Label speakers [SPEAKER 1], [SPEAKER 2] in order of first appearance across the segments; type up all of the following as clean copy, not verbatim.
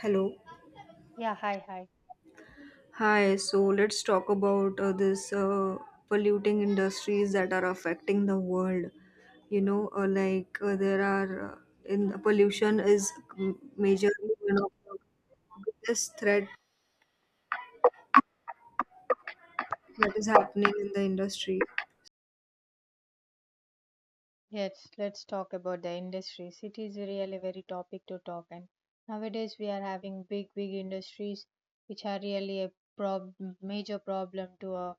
[SPEAKER 1] Hello.
[SPEAKER 2] Yeah, hi, hi.
[SPEAKER 1] Hi, so let's talk about this polluting industries that are affecting the world. You know, like there are In pollution is majorly one of the biggest threat that is happening in the industry.
[SPEAKER 2] Yes, let's talk about the industries. It is really very topic to talk, and nowadays we are having big industries which are really a prob- major problem to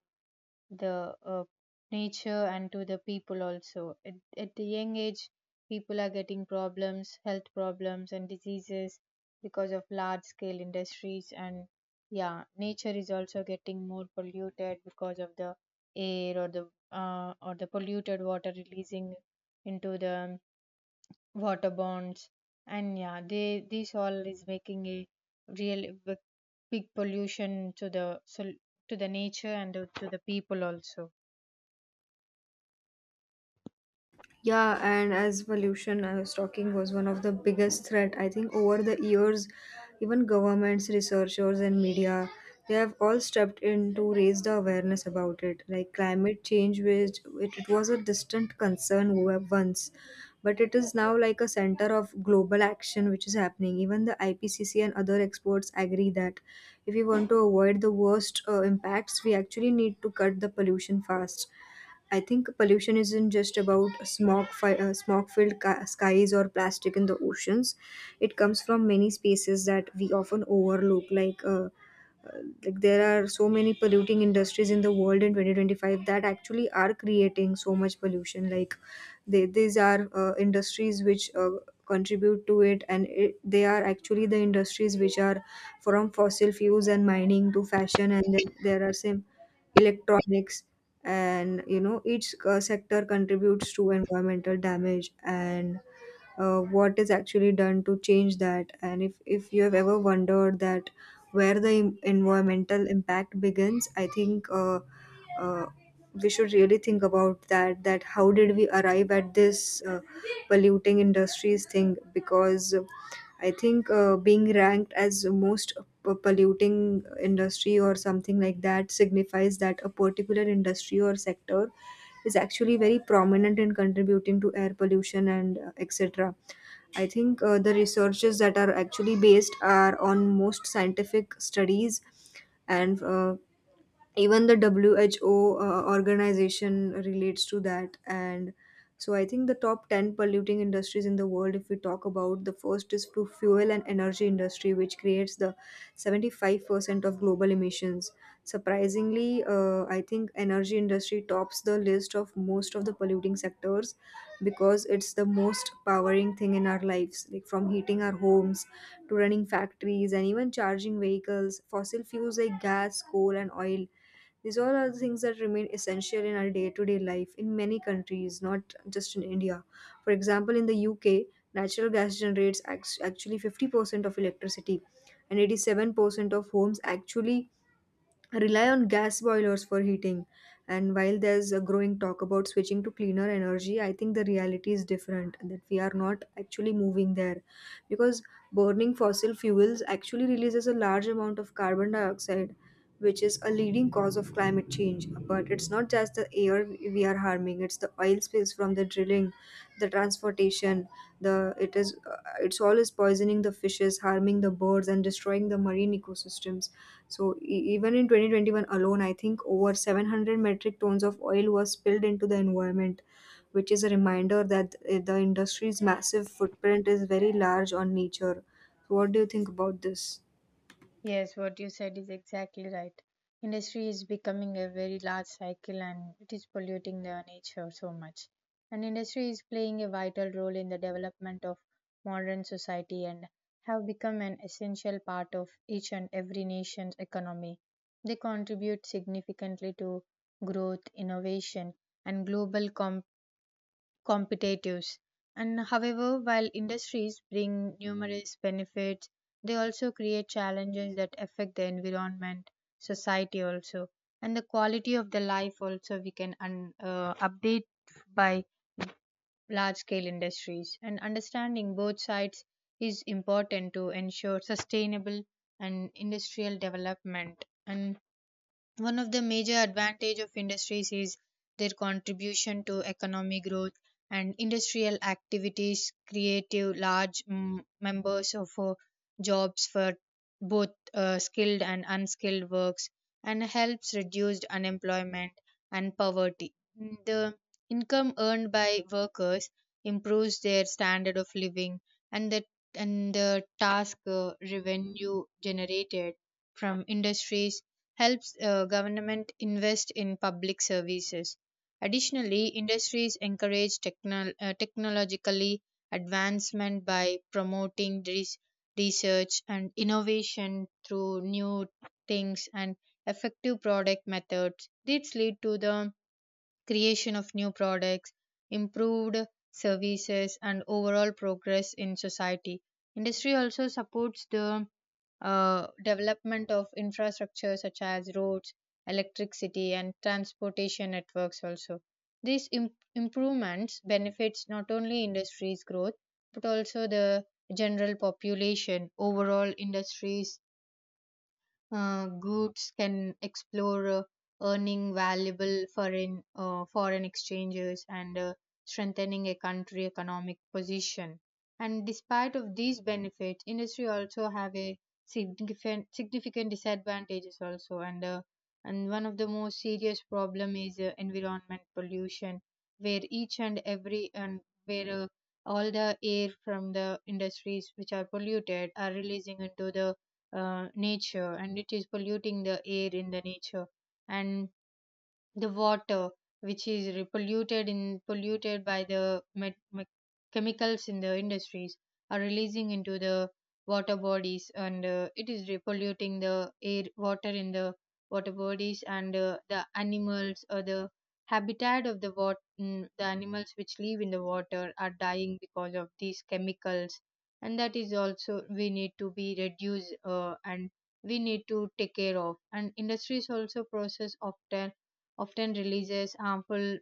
[SPEAKER 2] the nature and to the people also. At the young age people are getting problems, health problems and diseases because of large scale industries. And yeah, nature is also getting more polluted because of the air or the polluted water releasing into the water bonds. And yeah, they this all is making a real big pollution to the to the nature and to the people also.
[SPEAKER 1] Yeah, and as pollution I was talking was one of the biggest threat. I think over the years, even governments, researchers, and media, they have all stepped in to raise the awareness about it. Like climate change, which it was a distant concern once, but it is now like a center of global action which is happening. Even the IPCC and other experts agree that if we want to avoid the worst impacts, we actually need to cut the pollution fast. I think pollution isn't just about smog, smog-filled skies or plastic in the oceans. It comes from many spaces that we often overlook, like there are so many polluting industries in the world in 2025 that actually are creating so much pollution like these are industries which contribute to it and they are actually the industries which are from fossil fuels and mining to fashion, and then there are some electronics. And you know each sector contributes to environmental damage and what is actually done to change that. And if you have ever wondered that where the environmental impact begins, I think uh, we should really think about that, that how did we arrive at this polluting industries thing. Because I think being ranked as most polluting industry or something like that signifies that a particular industry or sector is actually very prominent in contributing to air pollution and etc. I think the researches that are actually based are on most scientific studies, and even the WHO organization relates to that. And so I think the top 10 polluting industries in the world, if we talk about, the first is to fuel and energy industry, which creates the 75% of global emissions. Surprisingly I think energy industry tops the list of most of the polluting sectors because it's the most powering thing in our lives, like from heating our homes to running factories and even charging vehicles. Fossil fuels like gas, coal, and oil, these all are the things that remain essential in our day to day life in many countries, not just in India. For example, in the UK, natural gas generates actually 50% of electricity and 87% of homes actually rely on gas boilers for heating. And while there's a growing talk about switching to cleaner energy, I think the reality is different, that we are not actually moving there, because burning fossil fuels actually releases a large amount of carbon dioxide, which is a leading cause of climate change. But it's not just the air we are harming, it's the oil spills from the drilling, the transportation, the it is it's always poisoning the fishes, harming the birds, and destroying the marine ecosystems. So, even in 2021 alone, I think over 700 metric tons of oil was spilled into the environment, which is a reminder that the industry's massive footprint is very large on nature. So, what do you think about this?
[SPEAKER 2] Yes, what you said is exactly right. Industry is becoming a very large cycle and it is polluting the nature so much. And industry is playing a vital role in the development of modern society and have become an essential part of each and every nation's economy. They contribute significantly to growth, innovation, and global competitiveness competitives. And however, while industries bring numerous benefits, they also create challenges that affect the environment, society also, and the quality of the life also. We can update by large scale industries, and understanding both sides is important to ensure sustainable and industrial development. And one of the major advantage of industries is their contribution to economic growth, and industrial activities create a large members of jobs for both skilled and unskilled works, and helps reduce unemployment and poverty. The income earned by workers improves their standard of living, and the and the task revenue generated from industries helps government invest in public services. Additionally, industries encourage technologically advancement by promoting research and innovation through new things and effective product methods. These lead to the creation of new products, improved services, and overall progress in society. Industry also supports the development of infrastructure such as roads, electricity, and transportation networks also. These improvements benefits not only industry's growth but also the general population. Overall, industries groups can explore earning valuable foreign exchanges and strengthening a country economic position. And despite of these benefits, industry also have a significant disadvantages also. And and one of the most serious problem is environment pollution, where each and every and where all the air from the industries which are polluted are releasing into the nature and it is polluting the air in the nature. And the water which is polluted in polluted by the chemicals in the industries are releasing into the water bodies, and it is polluting the air water in the water bodies. And the animals or the habitat of the water, the animals which live in the water are dying because of these chemicals, and that is also we need to be reduced and we need to take care of. And industries also process often releases harmful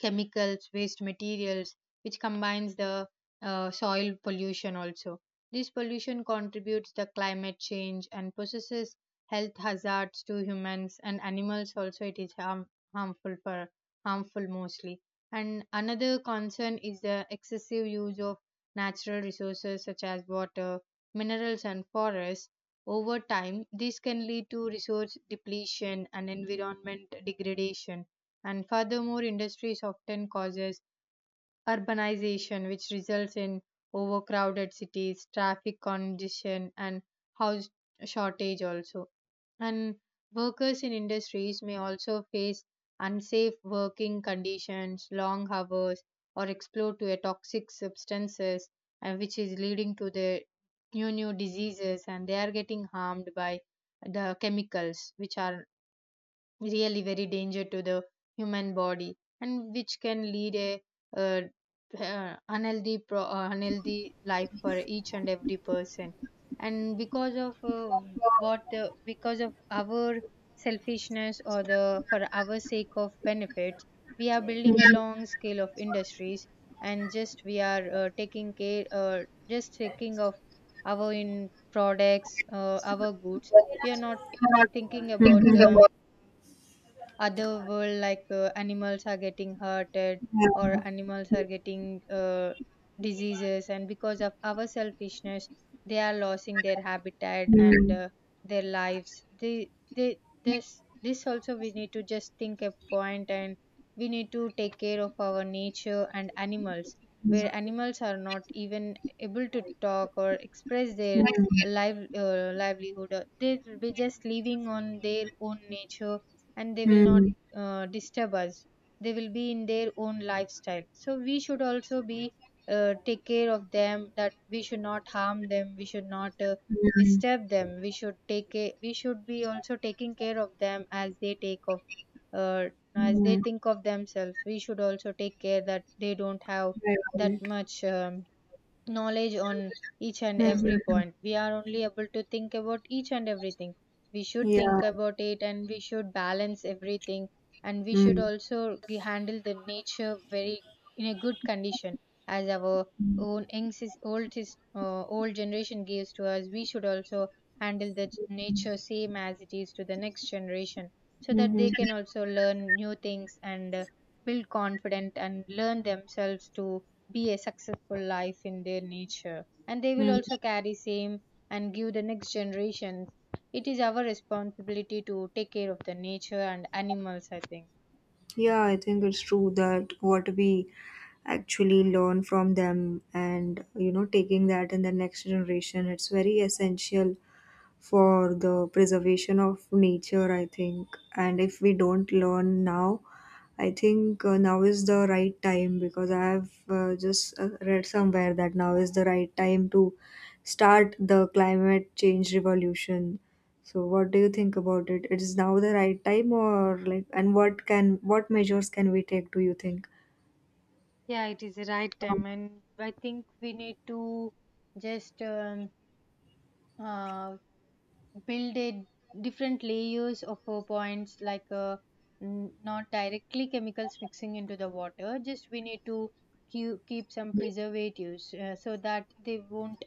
[SPEAKER 2] chemicals, waste materials, which combines the soil pollution also. This pollution contributes to climate change and possesses health hazards to humans and animals also. It is harmful for harmful mostly. And another concern is the excessive use of natural resources such as water, minerals and forests. Over time this can lead to resource depletion and environment degradation. And furthermore, industries often causes urbanization, which results in overcrowded cities, traffic congestion, and house shortage also. And workers in industries may also face unsafe working conditions, long hours, or exposure to a toxic substances, and which is leading to the new diseases, and they are getting harmed by the chemicals which are really very danger to the human body, and which can lead a uh, unhealthy unhealthy life for each and every person. And because of what because of our selfishness or the for our sake of benefits, we are building a long scale of industries, and just we are taking care just taking of our in products our goods. We are not thinking about the
[SPEAKER 1] Mhm.
[SPEAKER 2] other world, like animals are getting hurted or animals are getting diseases, and because of our selfishness they are losing their habitat and their lives. They this also we need to just think a point, and we need to take care of our nature and animals, where animals are not even able to talk or express
[SPEAKER 1] Yeah.
[SPEAKER 2] their livelihood. They will be just living on their own nature and they will
[SPEAKER 1] Mm. Mm.
[SPEAKER 2] not
[SPEAKER 1] Mm.
[SPEAKER 2] disturb us. They will be in their own lifestyle, so we should also be take care of them, that we should not harm them, we should not
[SPEAKER 1] Mm.
[SPEAKER 2] disturb them. We should take care, we should be also taking care of them as they take of uh, as
[SPEAKER 1] Mm.
[SPEAKER 2] they
[SPEAKER 1] Mm.
[SPEAKER 2] think of themselves. We should also take care that they don't have that
[SPEAKER 1] Right.
[SPEAKER 2] much knowledge on each and every
[SPEAKER 1] Mhm.
[SPEAKER 2] point. We are only able to think about each and everything. We should
[SPEAKER 1] Yeah.
[SPEAKER 2] think about it and we should balance everything, and we should
[SPEAKER 1] Mm.
[SPEAKER 2] also handle the nature very in a good condition, as our own young old old generation gives to us. We should also handle the nature same as it is to the next generation, so that
[SPEAKER 1] Mm-hmm.
[SPEAKER 2] they can also learn new things and build confident and learn themselves to be a successful life in their nature, and they will
[SPEAKER 1] Mm.
[SPEAKER 2] also carry same and give the next generation. It is our responsibility to take care of the nature and animals, I think.
[SPEAKER 1] Yeah, I think it's true that what we actually learn from them, and you know taking that in the next generation, it's very essential for the preservation of nature, I think. And if we don't learn now, I think now is the right time, because I have just read somewhere that now is the right time to start the climate change revolution. So, what do you think about it? It is now the right time, or like, and what can what measures can we take? Do you think?
[SPEAKER 2] Yeah, it is the right time, and I think we need to just uh, build a different layers of points, like n- not directly chemicals mixing into the water. Just we need to keep some preservatives so that they won't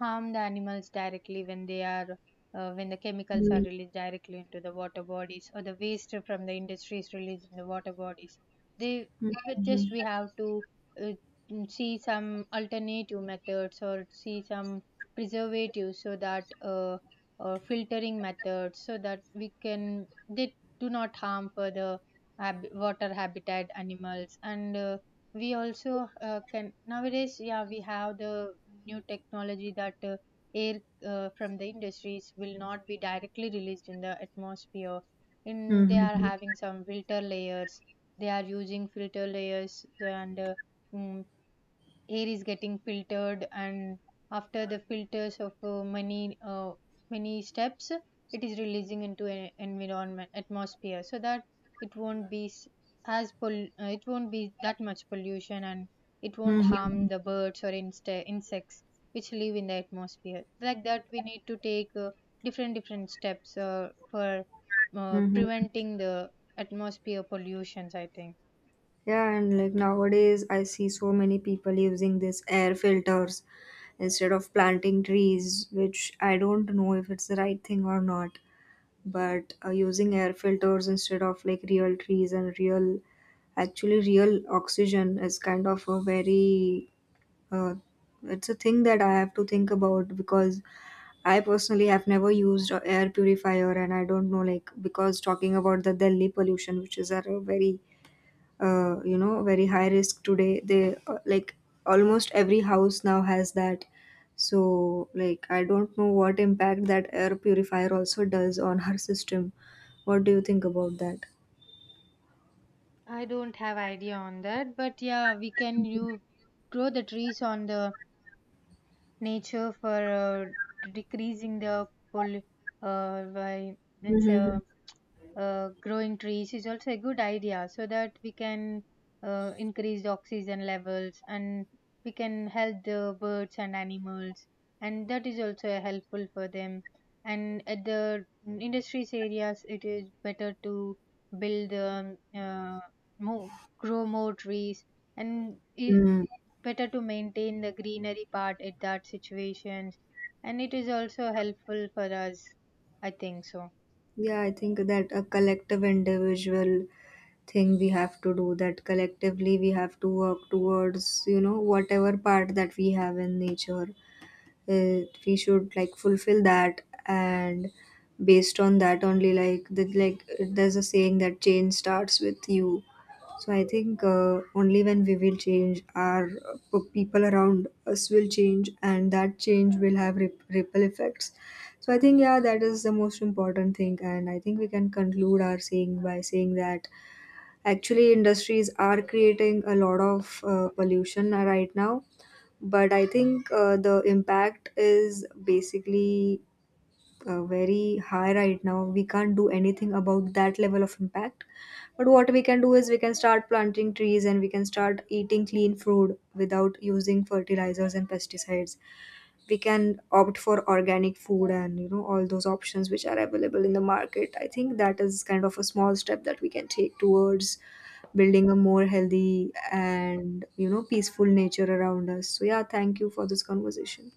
[SPEAKER 2] harm the animals directly when they are when the chemicals are
[SPEAKER 1] Mhm.
[SPEAKER 2] released directly into the water bodies or the waste from the industries released in the water bodies. They we just
[SPEAKER 1] Mhm.
[SPEAKER 2] we have to uh, see some alternative methods or see some preservatives so that or filtering methods, so that we can they do not harm further water habitat animals. And we also can nowadays, yeah, we have the new technology that air from the industries will not be directly released in the atmosphere. In they
[SPEAKER 1] Mhm.
[SPEAKER 2] are
[SPEAKER 1] Mhm.
[SPEAKER 2] having some filter layers, they are using filter layers and mm, air is getting filtered, and after the filters of many steps it is releasing into an environment atmosphere, so that it won't be it won't be that much pollution and it won't
[SPEAKER 1] Mhm.
[SPEAKER 2] harm the birds or insects which live in the atmosphere. Like that we need to take different steps for
[SPEAKER 1] Mhm.
[SPEAKER 2] preventing the atmosphere pollutions, I think.
[SPEAKER 1] Yeah, and like nowadays, I see so many people using this air filters instead of planting trees, which I don't know if it's the right thing or not. But using air filters instead of like real trees and real, actually real oxygen is kind of a very, uh, it's a thing that I have to think about, because I personally have never used a air purifier, and I don't know, like, because talking about the Delhi pollution, which is at a very very high risk today. They like almost every house now has that. So like I don't know what impact that air purifier also does on her system. What do you think about that?
[SPEAKER 2] I don't have idea on that, but yeah, we can you grow the trees on the nature for decreasing the poll by means
[SPEAKER 1] Mm-hmm.
[SPEAKER 2] growing trees is also a good idea, so that we can increase the oxygen levels and we can help the birds and animals, and that is also a helpful for them. And at the industries areas it is better to build more, grow more trees, and it,
[SPEAKER 1] Mm.
[SPEAKER 2] better to maintain the greenery part at that situations, and it is also helpful for us, I think so.
[SPEAKER 1] Yeah, I think that a collective individual thing we have to do, that collectively we have to work towards you know whatever part that we have in nature. uh, we should like fulfill that, and based on that only, like there's a saying that change starts with you. So I think only when we will change our people around us will change, and that change will have ripple effects. So I think, yeah, that is the most important thing, and I think we can conclude our saying by saying that actually industries are creating a lot of pollution right now, but I think the impact is basically very high right now. We can't do anything about that level of impact. But what we can do is we can start planting trees, and we can start eating clean food without using fertilizers and pesticides. We can opt for organic food, and you know all those options which are available in the market. I think that is kind of a small step that we can take towards building a more healthy and you know peaceful nature around us. So yeah, thank you for this conversation.